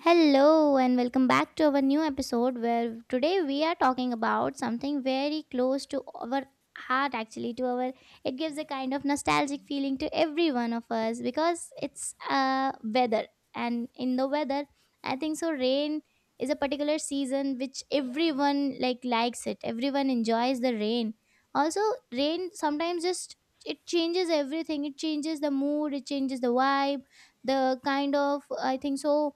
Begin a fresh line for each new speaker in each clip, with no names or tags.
Hello, and welcome back to our new episode where today we are talking about something very close to our heart, actually to our. It gives a kind of nostalgic feeling to every one of us because it's weather. And in the weather, I think rain is a particular season which everyone likes it. Everyone enjoys the rain also. Rain sometimes just it changes everything. It changes the mood, it changes the vibe, the kind of, I think,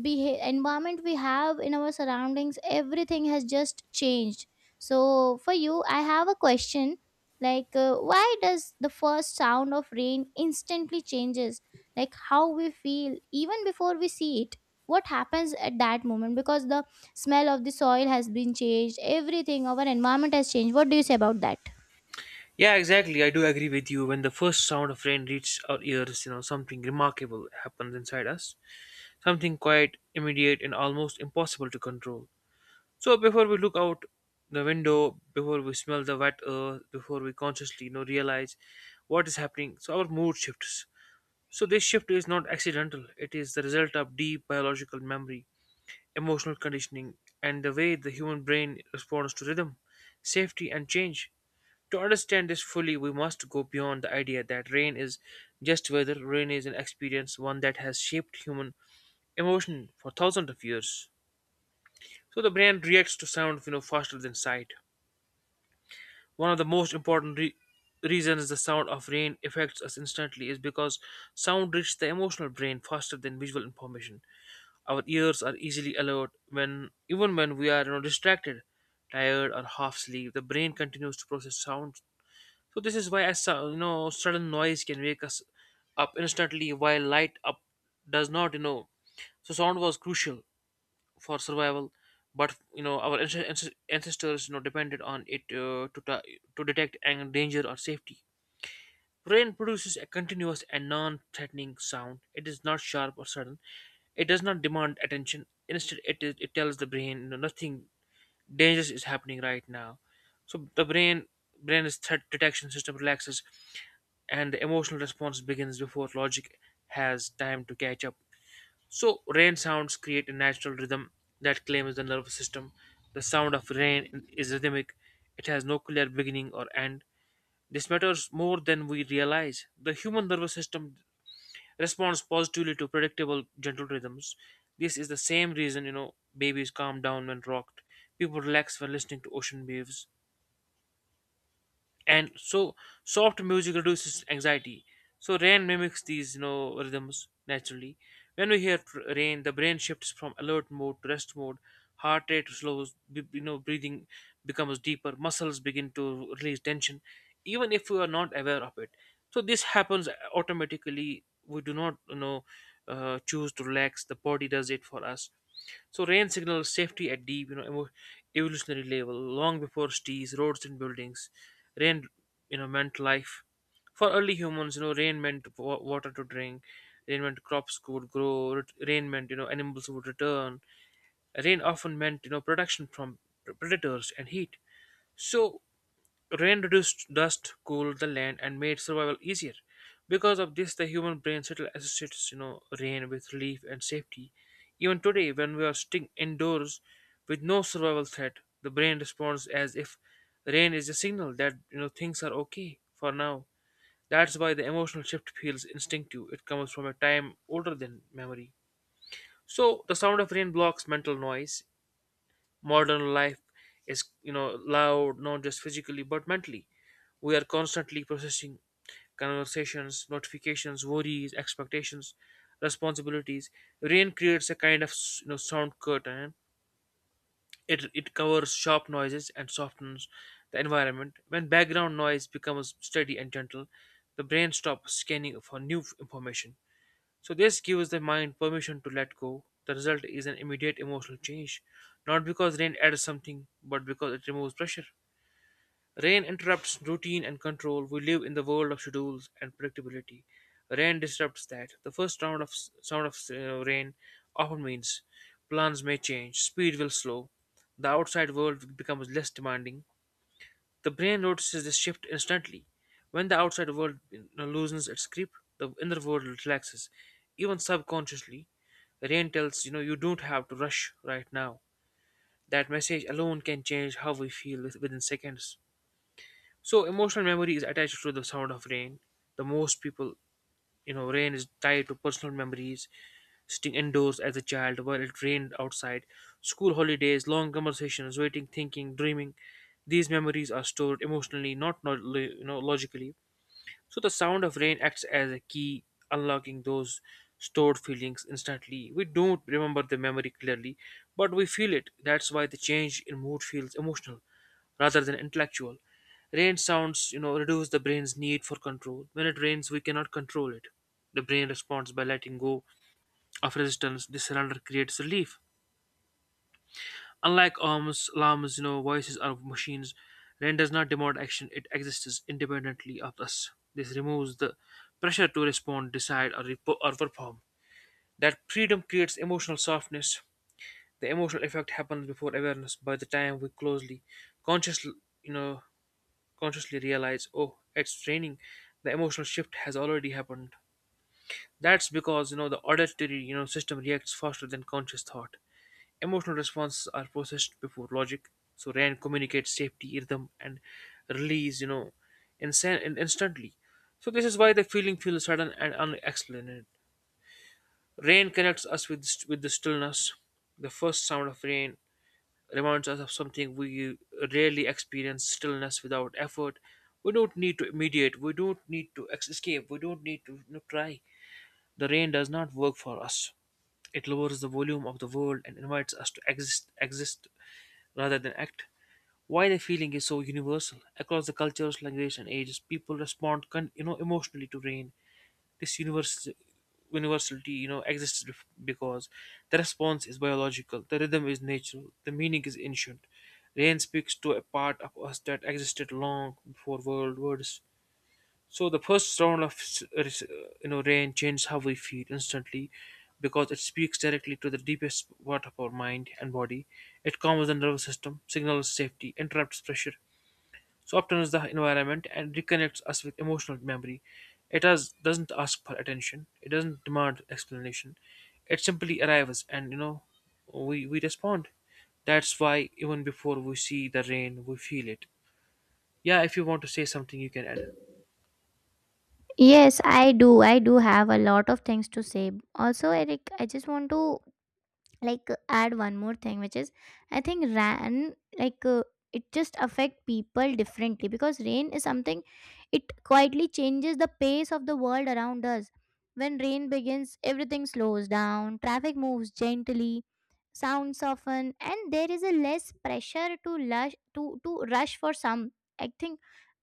environment we have in our surroundings. Everything has just changed. So for you I have a question, like, why does the first sound of rain instantly changes like how we feel even before we see it? What happens at that moment? Because the smell of the soil has been changed, everything, our environment has changed. What do you say about that?
Yeah, exactly. I do agree with you. When the first sound of rain reaches our ears, something remarkable happens inside us. Something quite immediate, and almost impossible to control. So before we look out the window, before we smell the wet earth, before we consciously realize what is happening, so our mood shifts. So this shift is not accidental. It is the result of deep biological memory, emotional conditioning, and the way the human brain responds to rhythm, safety, and change. To understand this fully, we must go beyond the idea that rain is just weather. Rain is an experience, one that has shaped human emotion for thousands of years. So the brain reacts to sound, faster than sight. One of the most important reasons the sound of rain affects us instantly is because sound reaches the emotional brain faster than visual information. Our ears are easily alert when, even when we are, distracted, tired, or half asleep. The brain continues to process sound. So this is why a sudden noise can wake us up instantly, while light up does not. So sound was crucial for survival, but our ancestors depended on it to detect and danger or safety. Rain produces a continuous and non-threatening sound. It is not sharp or sudden. It does not demand attention. Instead, it is, it tells the brain, nothing dangerous is happening right now. So the brain is threat detection system relaxes and the emotional response begins before logic has time to catch up. So, rain sounds create a natural rhythm that claims the nervous system. The sound of rain is rhythmic, it has no clear beginning or end. This matters more than we realize. The human nervous system responds positively to predictable, gentle rhythms. This is the same reason, babies calm down when rocked, people relax when listening to ocean waves, and so soft music reduces anxiety. So rain mimics these rhythms naturally. When we hear rain, the brain shifts from alert mode to rest mode. Heart rate slows, breathing becomes deeper, muscles begin to release tension even if we are not aware of it. So this happens automatically. We do not choose to relax; the body does it for us. So rain signals safety at deep, evolutionary level. Long before trees, roads, and buildings, rain, meant life. For early humans, rain meant water to drink. Rain meant crops could grow. Rain meant, animals would return. Rain often meant, protection from predators and heat. So rain reduced dust, cooled the land, and made survival easier. Because of this, the human brain still associates, rain with relief and safety. Even today, when we are sitting indoors with no survival threat, the brain responds as if rain is a signal that things are okay for now. That's why the emotional shift feels instinctive. It comes from a time older than memory. So the sound of rain blocks mental noise. Modern life is loud, not just physically but mentally. We are constantly processing conversations, notifications, worries, expectations, responsibilities. Rain creates a kind of sound curtain. It covers sharp noises and softens the environment. When background noise becomes steady and gentle, the brain stops scanning for new information. So this gives the mind permission to let go. The result is an immediate emotional change, not because rain adds something, but because it removes pressure. Rain interrupts routine and control. We live in the world of schedules and predictability. Rain disrupts that. The first round of sound of rain often means plans may change, speed will slow, the outside world becomes less demanding, the brain notices this shift instantly. When the outside world, loosens its grip, the inner world relaxes. Even subconsciously, the brain tells you don't have to rush right now. That message alone can change how we feel within seconds. So emotional memory is attached to the sound of rain. The most people, rain is tied to personal memories, sitting indoors as a child while it rained outside, school holidays, long conversations, waiting, thinking, dreaming. These memories are stored emotionally, not logically. So the sound of rain acts as a key, unlocking those stored feelings instantly. We don't remember the memory clearly, but we feel it. That's why the change in mood feels emotional rather than intellectual. Rain sounds, reduce the brain's need for control. When it rains, we cannot control it. The brain responds by letting go of resistance. This surrender creates relief. Unlike alarms, voices or machines, rain does not demand action. It exists independently of us. This removes the pressure to respond, decide, or, or perform. That freedom creates emotional softness. The emotional effect happens before awareness. By the time we closely, consciously, you know, consciously realize, oh, it's raining, the emotional shift has already happened. That's because the auditory system reacts faster than conscious thought. Emotional responses are processed before logic, so Rand communicates safety, rhythm, and release, instantly. So this is why the feeling feels sudden and unexplained. Rain connects us with the stillness. The first sound of rain reminds us of something we rarely experience: stillness without effort. We don't need to mediate. We don't need to escape. We don't need to try. The rain does not work for us. It lowers the volume of the world and invites us to exist. Exist rather than act. Why the feeling is so universal across the cultures, language, and ages, people respond, emotionally to rain. This universality, exists because the response is biological, the rhythm is natural, the meaning is ancient. Rain speaks to a part of us that existed long before world words. So the first round of rain changes how we feel instantly because it speaks directly to the deepest part of our mind and body. It calms the nervous system, signals safety, interrupts pressure, softens the environment, and reconnects us with emotional memory. Doesn't ask for attention. It doesn't demand explanation. It simply arrives, and we respond. That's why even before we see the rain, we feel it. Yeah, if you want to say something, you can add.
Yes, I do, I do have a lot of things to say also, Eric. I just want to, like, add one more thing, which is, I think ran, like, it just affect people differently, because rain is something, it quietly changes the pace of the world around us. When rain begins, everything slows down, traffic moves gently, sounds soften, and there is a less pressure to rush, to rush for some. I think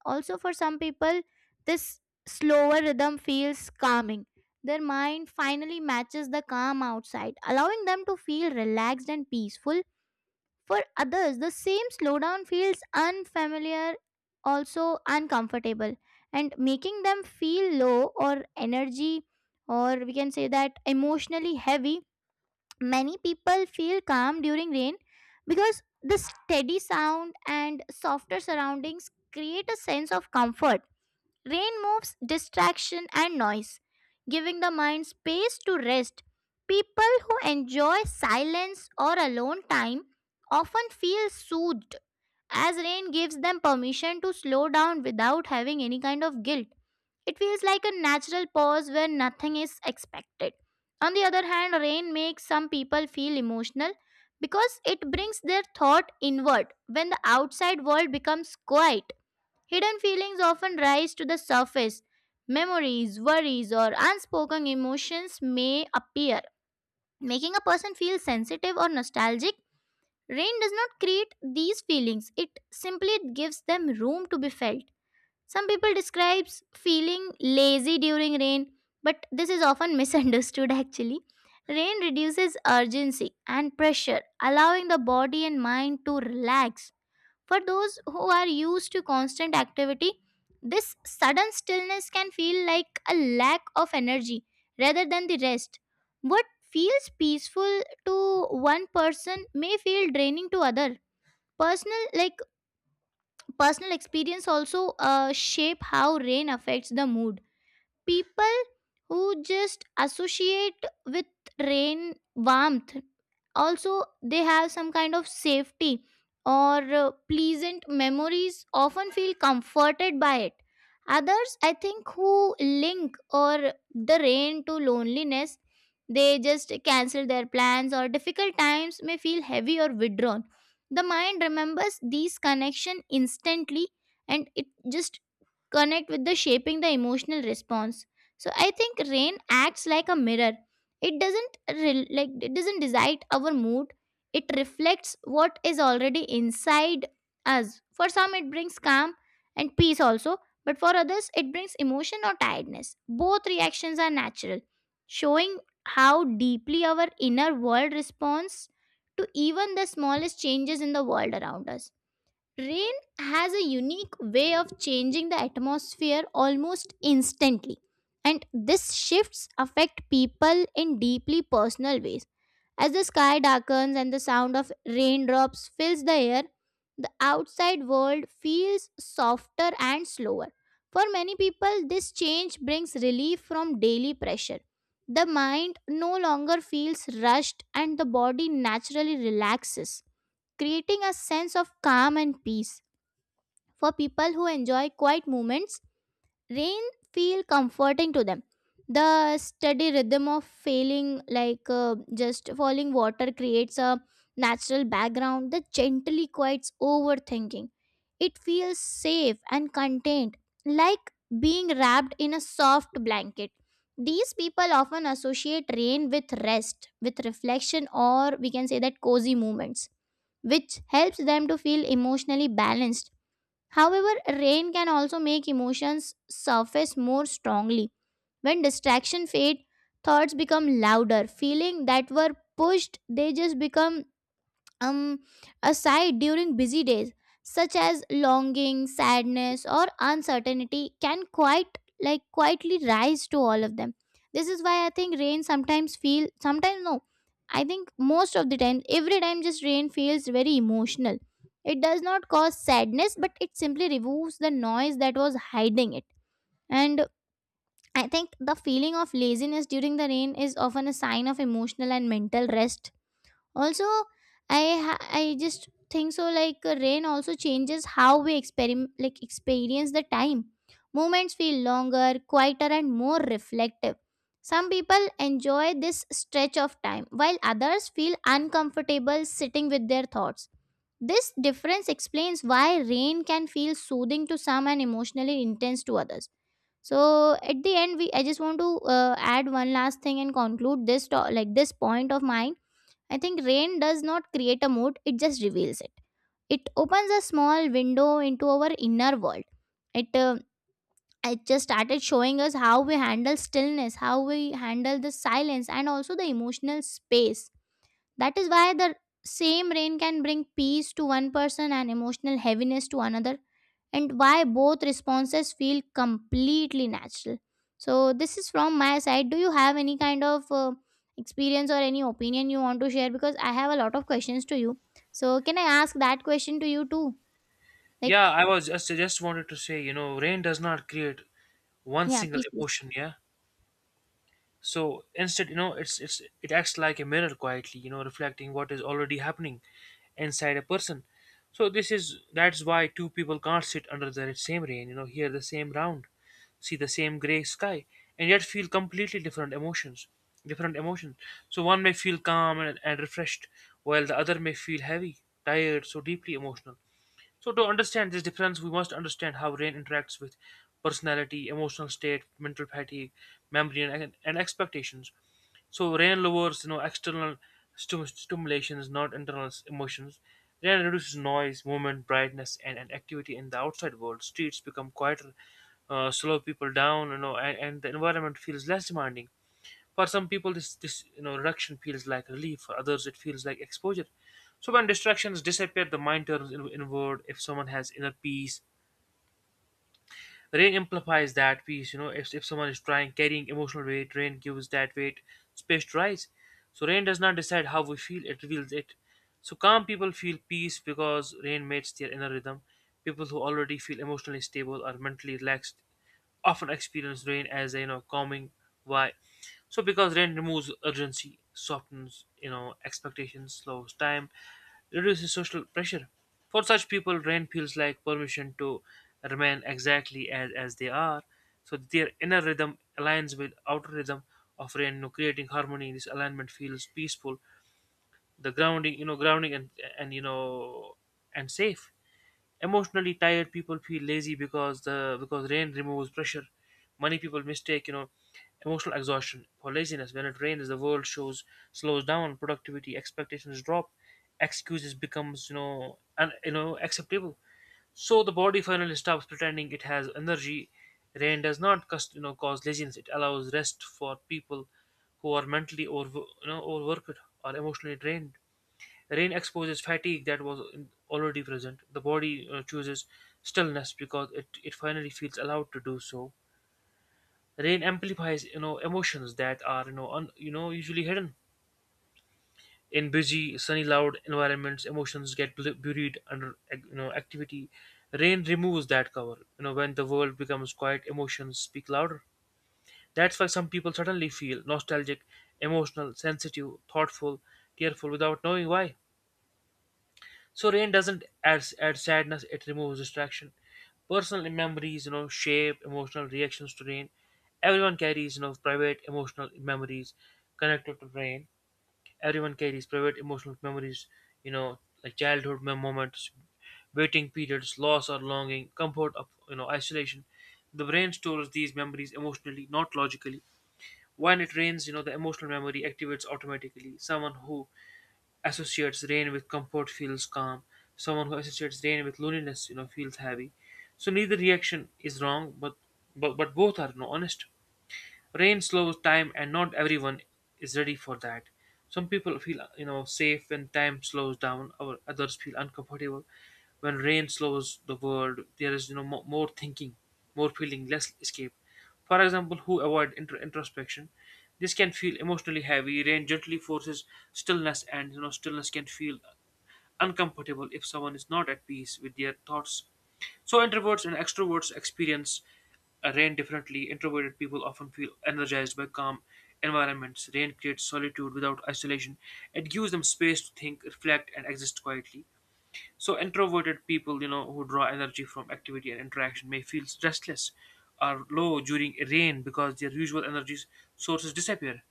also, for some people, this slower rhythm feels calming. Their mind finally matches the calm outside, allowing them to feel relaxed and peaceful. For others, the same slowdown feels unfamiliar, also uncomfortable, and making them feel low or energy, or we can say that emotionally heavy. Many people feel calm during rain because the steady sound and softer surroundings create a sense of comfort. Rain moves distraction and noise, giving the mind space to rest. People who enjoy silence or alone time often feel soothed, as rain gives them permission to slow down without having any kind of guilt. It feels like a natural pause where nothing is expected. On the other hand, rain makes some people feel emotional because it brings their thought inward. When the outside world becomes quiet, hidden feelings often rise to the surface. Memories, worries, or unspoken emotions may appear, making a person feel sensitive or nostalgic. Rain does not create these feelings, it simply gives them room to be felt. Some people describe feeling lazy during rain, but this is often misunderstood actually. Rain reduces urgency and pressure, allowing the body and mind to relax. For those who are used to constant activity, this sudden stillness can feel like a lack of energy rather than the rest. What feels peaceful to one person may feel draining to other. Personal, personal experience also shape how rain affects the mood. People who just associate with rain warmth, also they have some kind of safety or pleasant memories, often feel comforted by it. Others, I think, who link or the rain to loneliness, they just cancel their plans, or difficult times may feel heavy or withdrawn. The mind remembers these connection instantly, and it just connect with the shaping the emotional response. So I think rain acts like a mirror. It doesn't, like, it doesn't decide our mood, it reflects what is already inside us. For some, it brings calm and peace also, but for others it brings emotion or tiredness. Both reactions are natural, showing how deeply our inner world responds to even the smallest changes in the world around us. Rain has a unique way of changing the atmosphere almost instantly, and these shifts affect people in deeply personal ways. As the sky darkens and the sound of raindrops fills the air, the outside world feels softer and slower. For many people, this change brings relief from daily pressure. The mind no longer feels rushed and the body naturally relaxes, creating a sense of calm and peace. For people who enjoy quiet moments, rain feel comforting to them. The steady rhythm of falling, like, just falling water, creates a natural background that gently quiets overthinking. It feels safe and contained, like being wrapped in a soft blanket. These people often associate rain with rest, with reflection, or we can say that cozy moments, which helps them to feel emotionally balanced. However, rain can also make emotions surface more strongly. When distraction fade, thoughts become louder. Feeling that were pushed, they just become um, aside during busy days, such as longing, sadness, or uncertainty, can quite like quietly rise to all of them. This is why I think rain sometimes feel sometimes no. I think most of the time, every time just rain feels very emotional. It does not cause sadness, but it simply removes the noise that was hiding it. And I think the feeling of laziness during the rain is often a sign of emotional and mental rest also. I just think so, like, rain also changes how we like experience the time. Moments feel longer, quieter, and more reflective. Some people enjoy this stretch of time, while others feel uncomfortable sitting with their thoughts. This difference explains why rain can feel soothing to some and emotionally intense to others. So at the end, we I just want to add one last thing and conclude this like this point of mine. I think rain does not create a mood, it just reveals it. It opens a small window into our inner world. It, it just started showing us how we handle stillness, how we handle the silence, and also the emotional space. That is why the same rain can bring peace to one person and emotional heaviness to another, and why both responses feel completely natural. So, this is from my side. Do you have any kind of experience or any opinion you want to share? Because I have a lot of questions to you. So, can I ask that question to you too?
Yeah,
Like,
I just wanted to say, rain does not create one
yeah,
single
please, please.
emotion, yeah. So instead, it acts like a mirror quietly, reflecting what is already happening inside a person. So this is that's why two people can't sit under the same rain, hear the same round, see the same gray sky, and yet feel completely different emotions. Different emotions. So one may feel calm and refreshed, while the other may feel heavy, tired, so deeply emotional. So, to understand this difference, we must understand how rain interacts with personality, emotional state, mental fatigue, memory, and expectations. So, rain lowers external stimulations, not internal emotions. Rain reduces noise, movement, brightness, and activity in the outside world. Streets become quieter, slow people down, and the environment feels less demanding. For some people, this reduction feels like relief. For others, it feels like exposure. So when distractions disappear, the mind turns inward. If someone has inner peace, rain amplifies that peace. You know, if someone is trying carrying emotional weight, rain gives that weight space to rise. So rain does not decide how we feel; it reveals it. So calm people feel peace because rain mates their inner rhythm. People who already feel emotionally stable are mentally relaxed often experience rain as a calming. Why? So because rain removes urgency, softens expectations, slows time, reduces social pressure. For such people, rain feels like permission to remain exactly as they are. So their inner rhythm aligns with outer rhythm of rain, creating harmony. This alignment feels peaceful, the grounding, grounding and you know and safe. Emotionally tired people feel lazy because rain removes pressure. Many people mistake emotional exhaustion for laziness. When it rains the world shows slows down, productivity expectations drop, excuses becomes you know and you know acceptable. So the body finally stops pretending it has energy. Rain does not cause, cause laziness. It allows rest for people who are mentally or overworked or emotionally drained. Rain exposes fatigue that was already present. The body chooses stillness because it finally feels allowed to do so. Rain amplifies emotions that are you know un, you know usually hidden in busy sunny loud environments. Emotions get buried under activity. Rain removes that cover. You know when the world becomes quiet, emotions speak louder. That's why some people suddenly feel nostalgic, emotional, sensitive, thoughtful, tearful without knowing why. So rain doesn't add sadness; it removes distraction. Personal memories, shape emotional reactions to rain. Everyone carries, private emotional memories connected to rain. Everyone carries private emotional memories, you know, like childhood moments, waiting periods, loss or longing, comfort of isolation. The brain stores these memories emotionally, not logically. When it rains, the emotional memory activates automatically. Someone who associates rain with comfort feels calm. Someone who associates rain with loneliness, feels heavy. So neither reaction is wrong, but but both are honest. Rain slows time, and not everyone is ready for that. Some people feel, safe when time slows down, or others feel uncomfortable when rain slows the world. There is, more thinking, more feeling, less escape. For example, who avoid introspection, this can feel emotionally heavy. Rain gently forces stillness, and stillness can feel uncomfortable if someone is not at peace with their thoughts, so introverts and extroverts experience rain differently. Introverted people often feel energized by calm environments. Rain creates solitude without isolation. It gives them space to think, reflect, and exist quietly. So introverted people, who draw energy from activity and interaction may feel restless or low during rain because their usual energy sources disappear.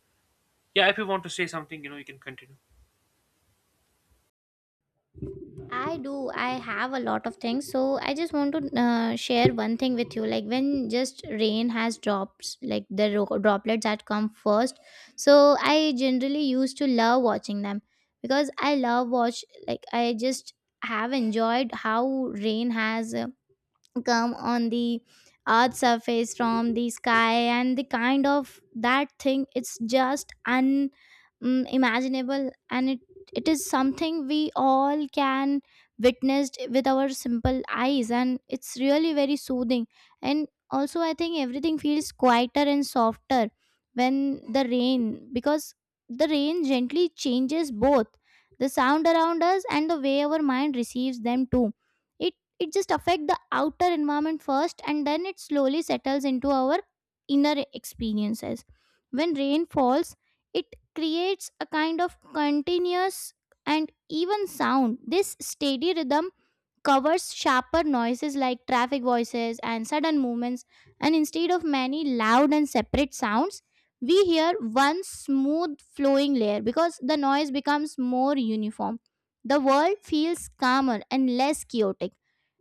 Yeah, if you want to say something, you can continue.
I do. I have a lot of things. So I just want to share one thing with you. Like, when just rain has drops, like the droplets that come first. So I generally used to love watching them because I love watch. Like, I just have enjoyed how rain has come on the earth surface from the sky, and the kind of that thing, it's just unimaginable, and it is something we all can witnessed with our simple eyes, and it's really very soothing. And also, I think everything feels quieter and softer when the rain, because the rain gently changes both the sound around us and the way our mind receives them too. It it just affect the outer environment first and then it slowly settles into our inner experiences. When rain falls, it creates a kind of continuous and even sound. This steady rhythm covers sharper noises like traffic, voices, and sudden movements, and instead of many loud and separate sounds, we hear one smooth flowing layer. Because the noise becomes more uniform, the world feels calmer and less chaotic.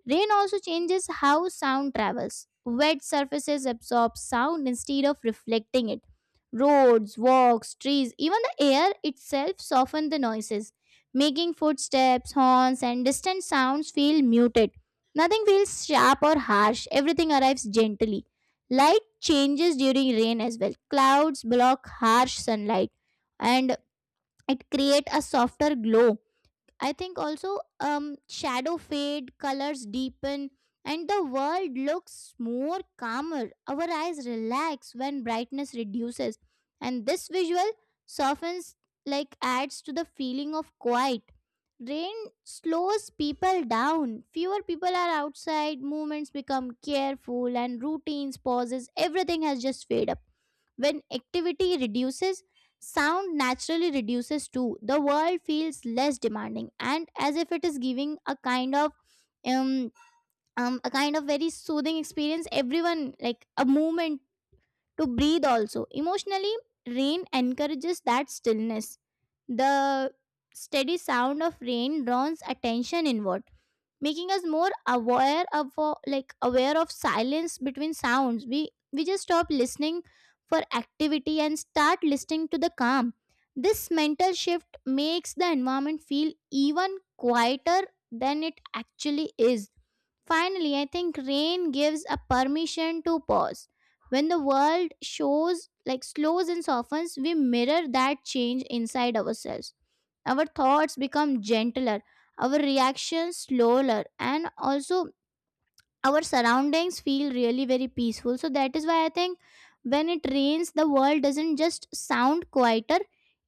Rain also changes how sound travels. Wet surfaces absorb sound instead of reflecting it. Roads, walks, trees, even the air itself soften the noises, making footsteps, horns, and distant sounds feel muted. Nothing feels sharp or harsh, everything arrives gently. Light changes during rain as well. Clouds block harsh sunlight and it creates a softer glow. I think also shadow fade, colors deepen, and the world looks more calmer. Our eyes relax when brightness reduces, and this visual softens, like, adds to the feeling of quiet. Rain slows people down, fewer people are outside, movements become careful, and routines pauses, everything has just fade up. When activity reduces, sound naturally reduces too. The world feels less demanding, and as if it is giving a kind of, um, um, a kind of very soothing experience, everyone like a movement to breathe. Also emotionally, rain encourages that stillness. The steady sound of rain draws attention inward, making us more aware of, like aware of silence between sounds. We just stop listening for activity and start listening to the calm. This mental shift makes the environment feel even quieter than it actually is. Finally, I think rain gives a permission to pause. When the world shows like slows and softens, we mirror that change inside ourselves. Our thoughts become gentler, our reactions slower, and also our surroundings feel really very peaceful. So that is why I think when it rains, the world doesn't just sound quieter,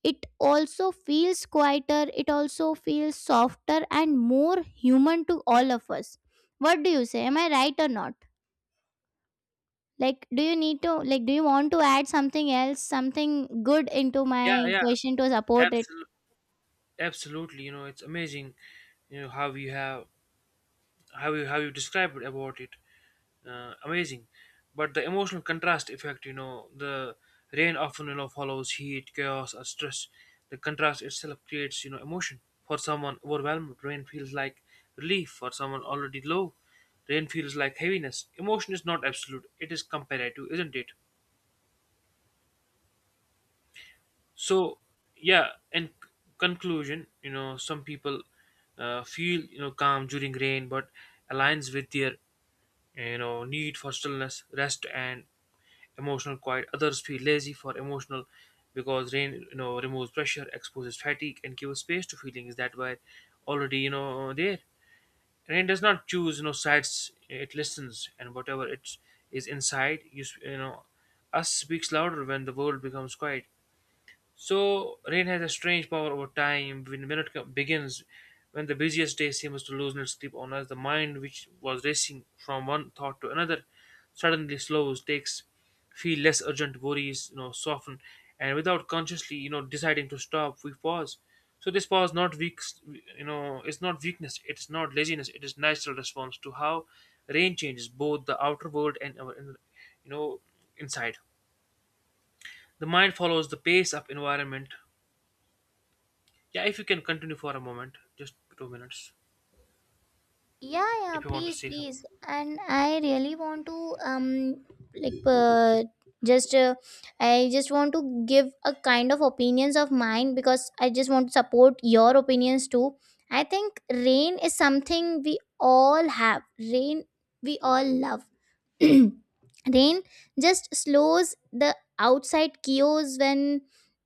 it also feels quieter, it also feels softer and more human to all of us. What do you say, am I right or not? Like, do you want to add something else, something good, into
Yeah,
my
yeah,
question to support it?
absolutely, absolutely. You know, it's amazing, you know, how we have how you described about it, amazing. But the emotional contrast effect, you know, the rain often, you know, follows heat, chaos or stress. The contrast itself creates, you know, emotion. For someone overwhelmed, rain feels like relief. For someone already low, rain feels like heaviness. Emotion is not absolute, it is comparative, isn't it? So, yeah, in conclusion, you know, some people feel, you know, calm during rain, but aligns with their, you know, need for stillness, rest and emotional quiet. Others feel lazy for emotional, because rain, you know, removes pressure, exposes fatigue and gives space to feelings that were already, you know, there. Rain does not choose, you know, sides. It listens, and whatever it is inside you, you know, us speaks louder when the world becomes quiet. So rain has a strange power over time. When minute begins, when the busiest day seems to loosen its grip on us, the mind, which was racing from one thought to another, suddenly slows, takes, feel less urgent, worries, soften, and without consciously, deciding to stop, we pause. So this pause, not weak, you know, it's not weakness, it's not laziness, it is natural response to how rain changes both the outer world and our, you know, inside. The mind follows the pace of environment. Yeah, if you can continue for a moment, just 2 minutes,
Yeah, yeah,
if you want to
please,
say something.
please. And I really want to like just I just want to give a kind of opinions of mine, because I just want to support your opinions too. I think rain is something we all have. Rain we all love. Rain just slows the outside chaos. when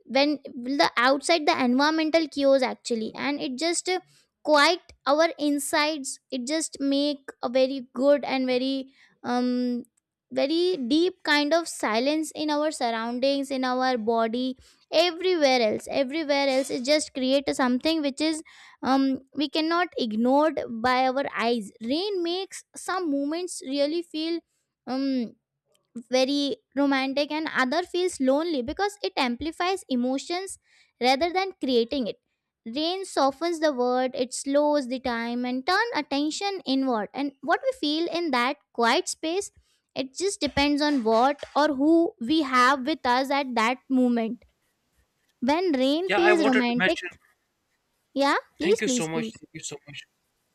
when well, the outside the environmental chaos actually, and it just quiet our insides. It just make a very good and very um very deep kind of silence in our surroundings, in our body, everywhere else. It just create something which is, we cannot ignored by our eyes. Rain makes some moments really feel um very romantic, and other feels lonely, because it amplifies emotions rather than creating it. Rain softens the word, it slows the time and turn attention inward, and what we feel in that quiet space, it just depends on what or who we have with us at that moment. When rain
Yeah, I
feels
wanted to
romantic,
mention.
yeah,
Thank
please,
you so
please,
much.
please.
Thank you so much.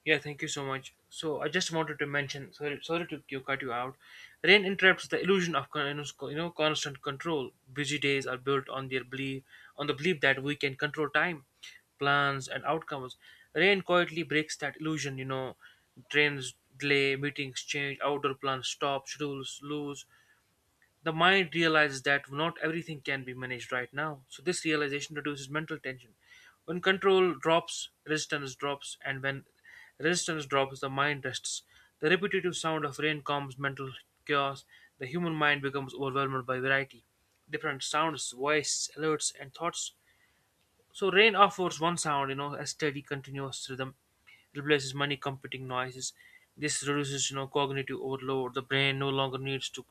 Yeah, thank you so much. So I just wanted to mention. Sorry, sorry to you cut you out. Rain interrupts the illusion of constant control. Busy days are built on their belief, on the belief that we can control time, plans, and outcomes. Rain quietly breaks that illusion. You know, trains delay, meetings change, outdoor plans stop, schedules lose, the mind realizes that not everything can be managed right now. So this realization reduces mental tension. When control drops, resistance drops, and when resistance drops, the mind rests. The repetitive sound of rain calms mental chaos. The human mind becomes overwhelmed by variety. Different sounds, voices, alerts, and thoughts. So rain offers one sound, you know, a steady, continuous rhythm, replaces many competing noises. This reduces, cognitive overload. The brain no longer needs to,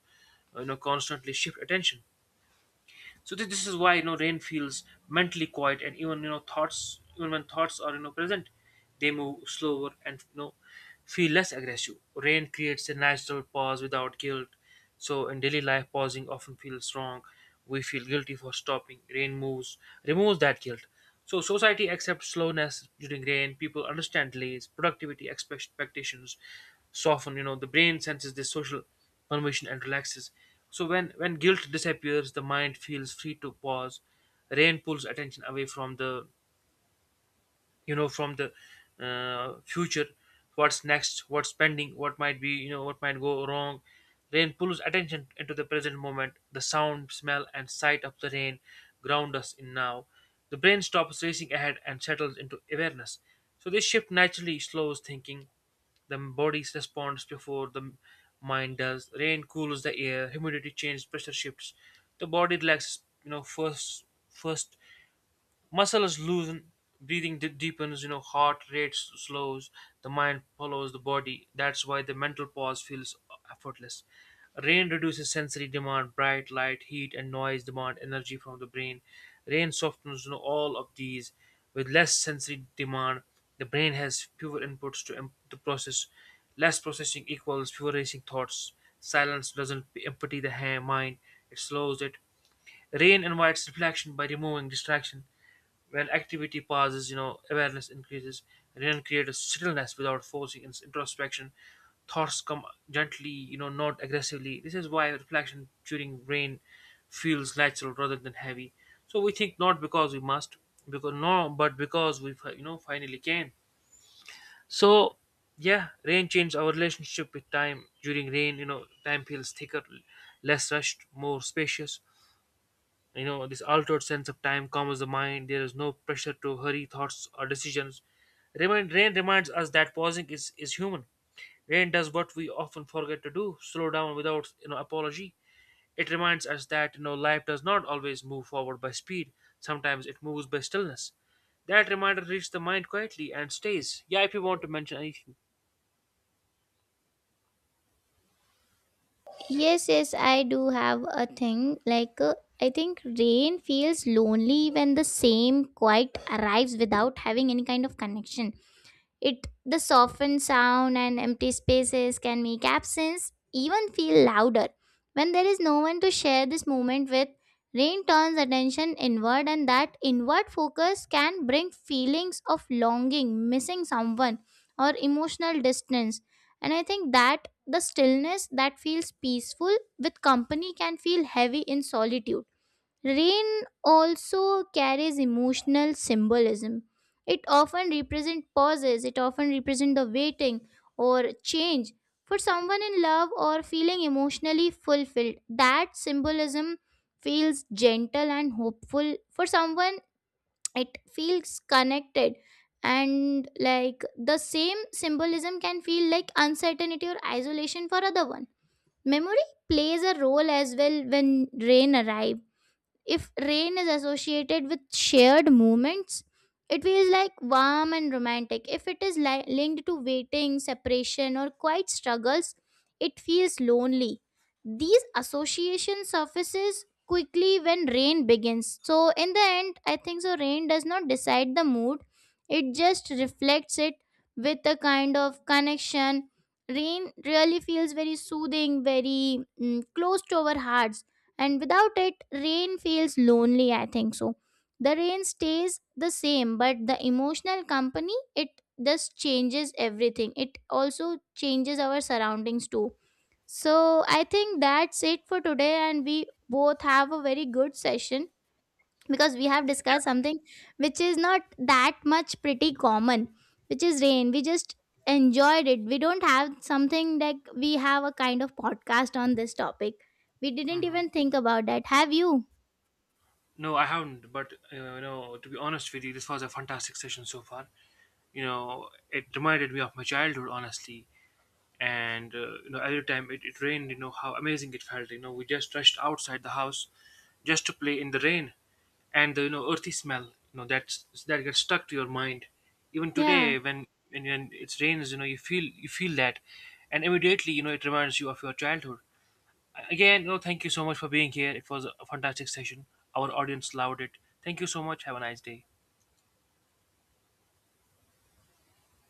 constantly shift attention. So this is why, you know, rain feels mentally quiet, and even, you know, thoughts, even when thoughts are, you know, present, they move slower and, you know, feel less aggressive. Rain creates a natural pause without guilt. So in daily life, pausing often feels wrong. We feel guilty for stopping. Rain moves removes that guilt. So society accepts slowness during rain. People understand delays, productivity expectations soften, you know, the brain senses this social permission and relaxes. So when guilt disappears, the mind feels free to pause. Rain pulls attention away from the you know from the future. What's next, what's pending, what might be, what might go wrong. Rain pulls attention into the present moment. The sound, smell and sight of the rain ground us in now. The brain stops racing ahead and settles into awareness. So this shift naturally slows thinking. The body responds before the mind does. Rain cools the air, humidity changes, pressure shifts, the body relaxes, you know, first. Muscles loosen, breathing deepens, heart rate slows, the mind follows the body. That's why the mental pause feels effortless. Rain reduces sensory demand, bright light, heat, and noise demand energy from the brain. Rain softens, all of these. With less sensory demand, the brain has fewer inputs to, to process. Less processing equals fewer racing thoughts. Silence doesn't empty the mind, it slows it. Rain invites reflection by removing distraction. When activity pauses, awareness increases. Rain creates a stillness without forcing introspection. Thoughts come gently, not aggressively. This is why reflection during rain feels natural rather than heavy. So we think not because we must, because no, but because we, finally can. So, yeah, rain changed our relationship with time. During rain, you know, time feels thicker, less rushed, more spacious. You know, this altered sense of time calms the mind. There is no pressure to hurry thoughts or decisions. Rain reminds us that pausing is human. Rain does what we often forget to do, slow down without, apology. It reminds us that, you know, life does not always move forward by speed, sometimes it moves by stillness. That reminder reaches the mind quietly and stays. Yeah, if you want to mention anything.
Yes, yes, I do have a thing. Like, I think rain feels lonely when the same quiet arrives without having any kind of connection. It the softened sound and empty spaces can make absence even feel louder. When there is no one to share this moment with, rain turns attention inward, and that inward focus can bring feelings of longing, missing someone, or emotional distance. And I think that the stillness that feels peaceful with company can feel heavy in solitude. Rain also carries emotional symbolism. It often represents pauses, it often represents the waiting or change. For someone in love or feeling emotionally fulfilled, that symbolism feels gentle and hopeful. For someone, it feels connected. And like, the same symbolism can feel like uncertainty or isolation for other one. Memory plays a role as well. When rain arrives, if rain is associated with shared moments, it feels like warm and romantic. If it is linked to waiting, separation, or quiet struggles, it feels lonely. These association surfaces quickly when rain begins. So in the end, I think so rain does not decide the mood. It just reflects it with a kind of connection. Rain really feels very soothing, very close to our hearts, and without it rain feels lonely, I think so. The rain stays the same, but the emotional company it just changes everything. It also changes our surroundings too. So I think that's it for today, and we both have a very good session, because we have discussed something which is not that much pretty common, which is rain. We just enjoyed it. We don't have something like, we have a kind of podcast on this topic, we didn't
Mhm.
even think about that, have you?
No, I haven't. But you know, no, to be honest with you, this was a fantastic session so far. You know, it reminded me of my childhood, honestly. And you know, every time it rained, you know how amazing it felt. You know, we just rushed outside the house just to play in the rain, and the, you know, earthy smell. You know, that's that gets stuck to your mind. Even
Yeah.
today, when it rains, you know, you feel that, and immediately, you know, it reminds you of your childhood. Again, no, thank you so much for being here. It was a fantastic session. Our audience loved it. Thank you so much. Have a nice day.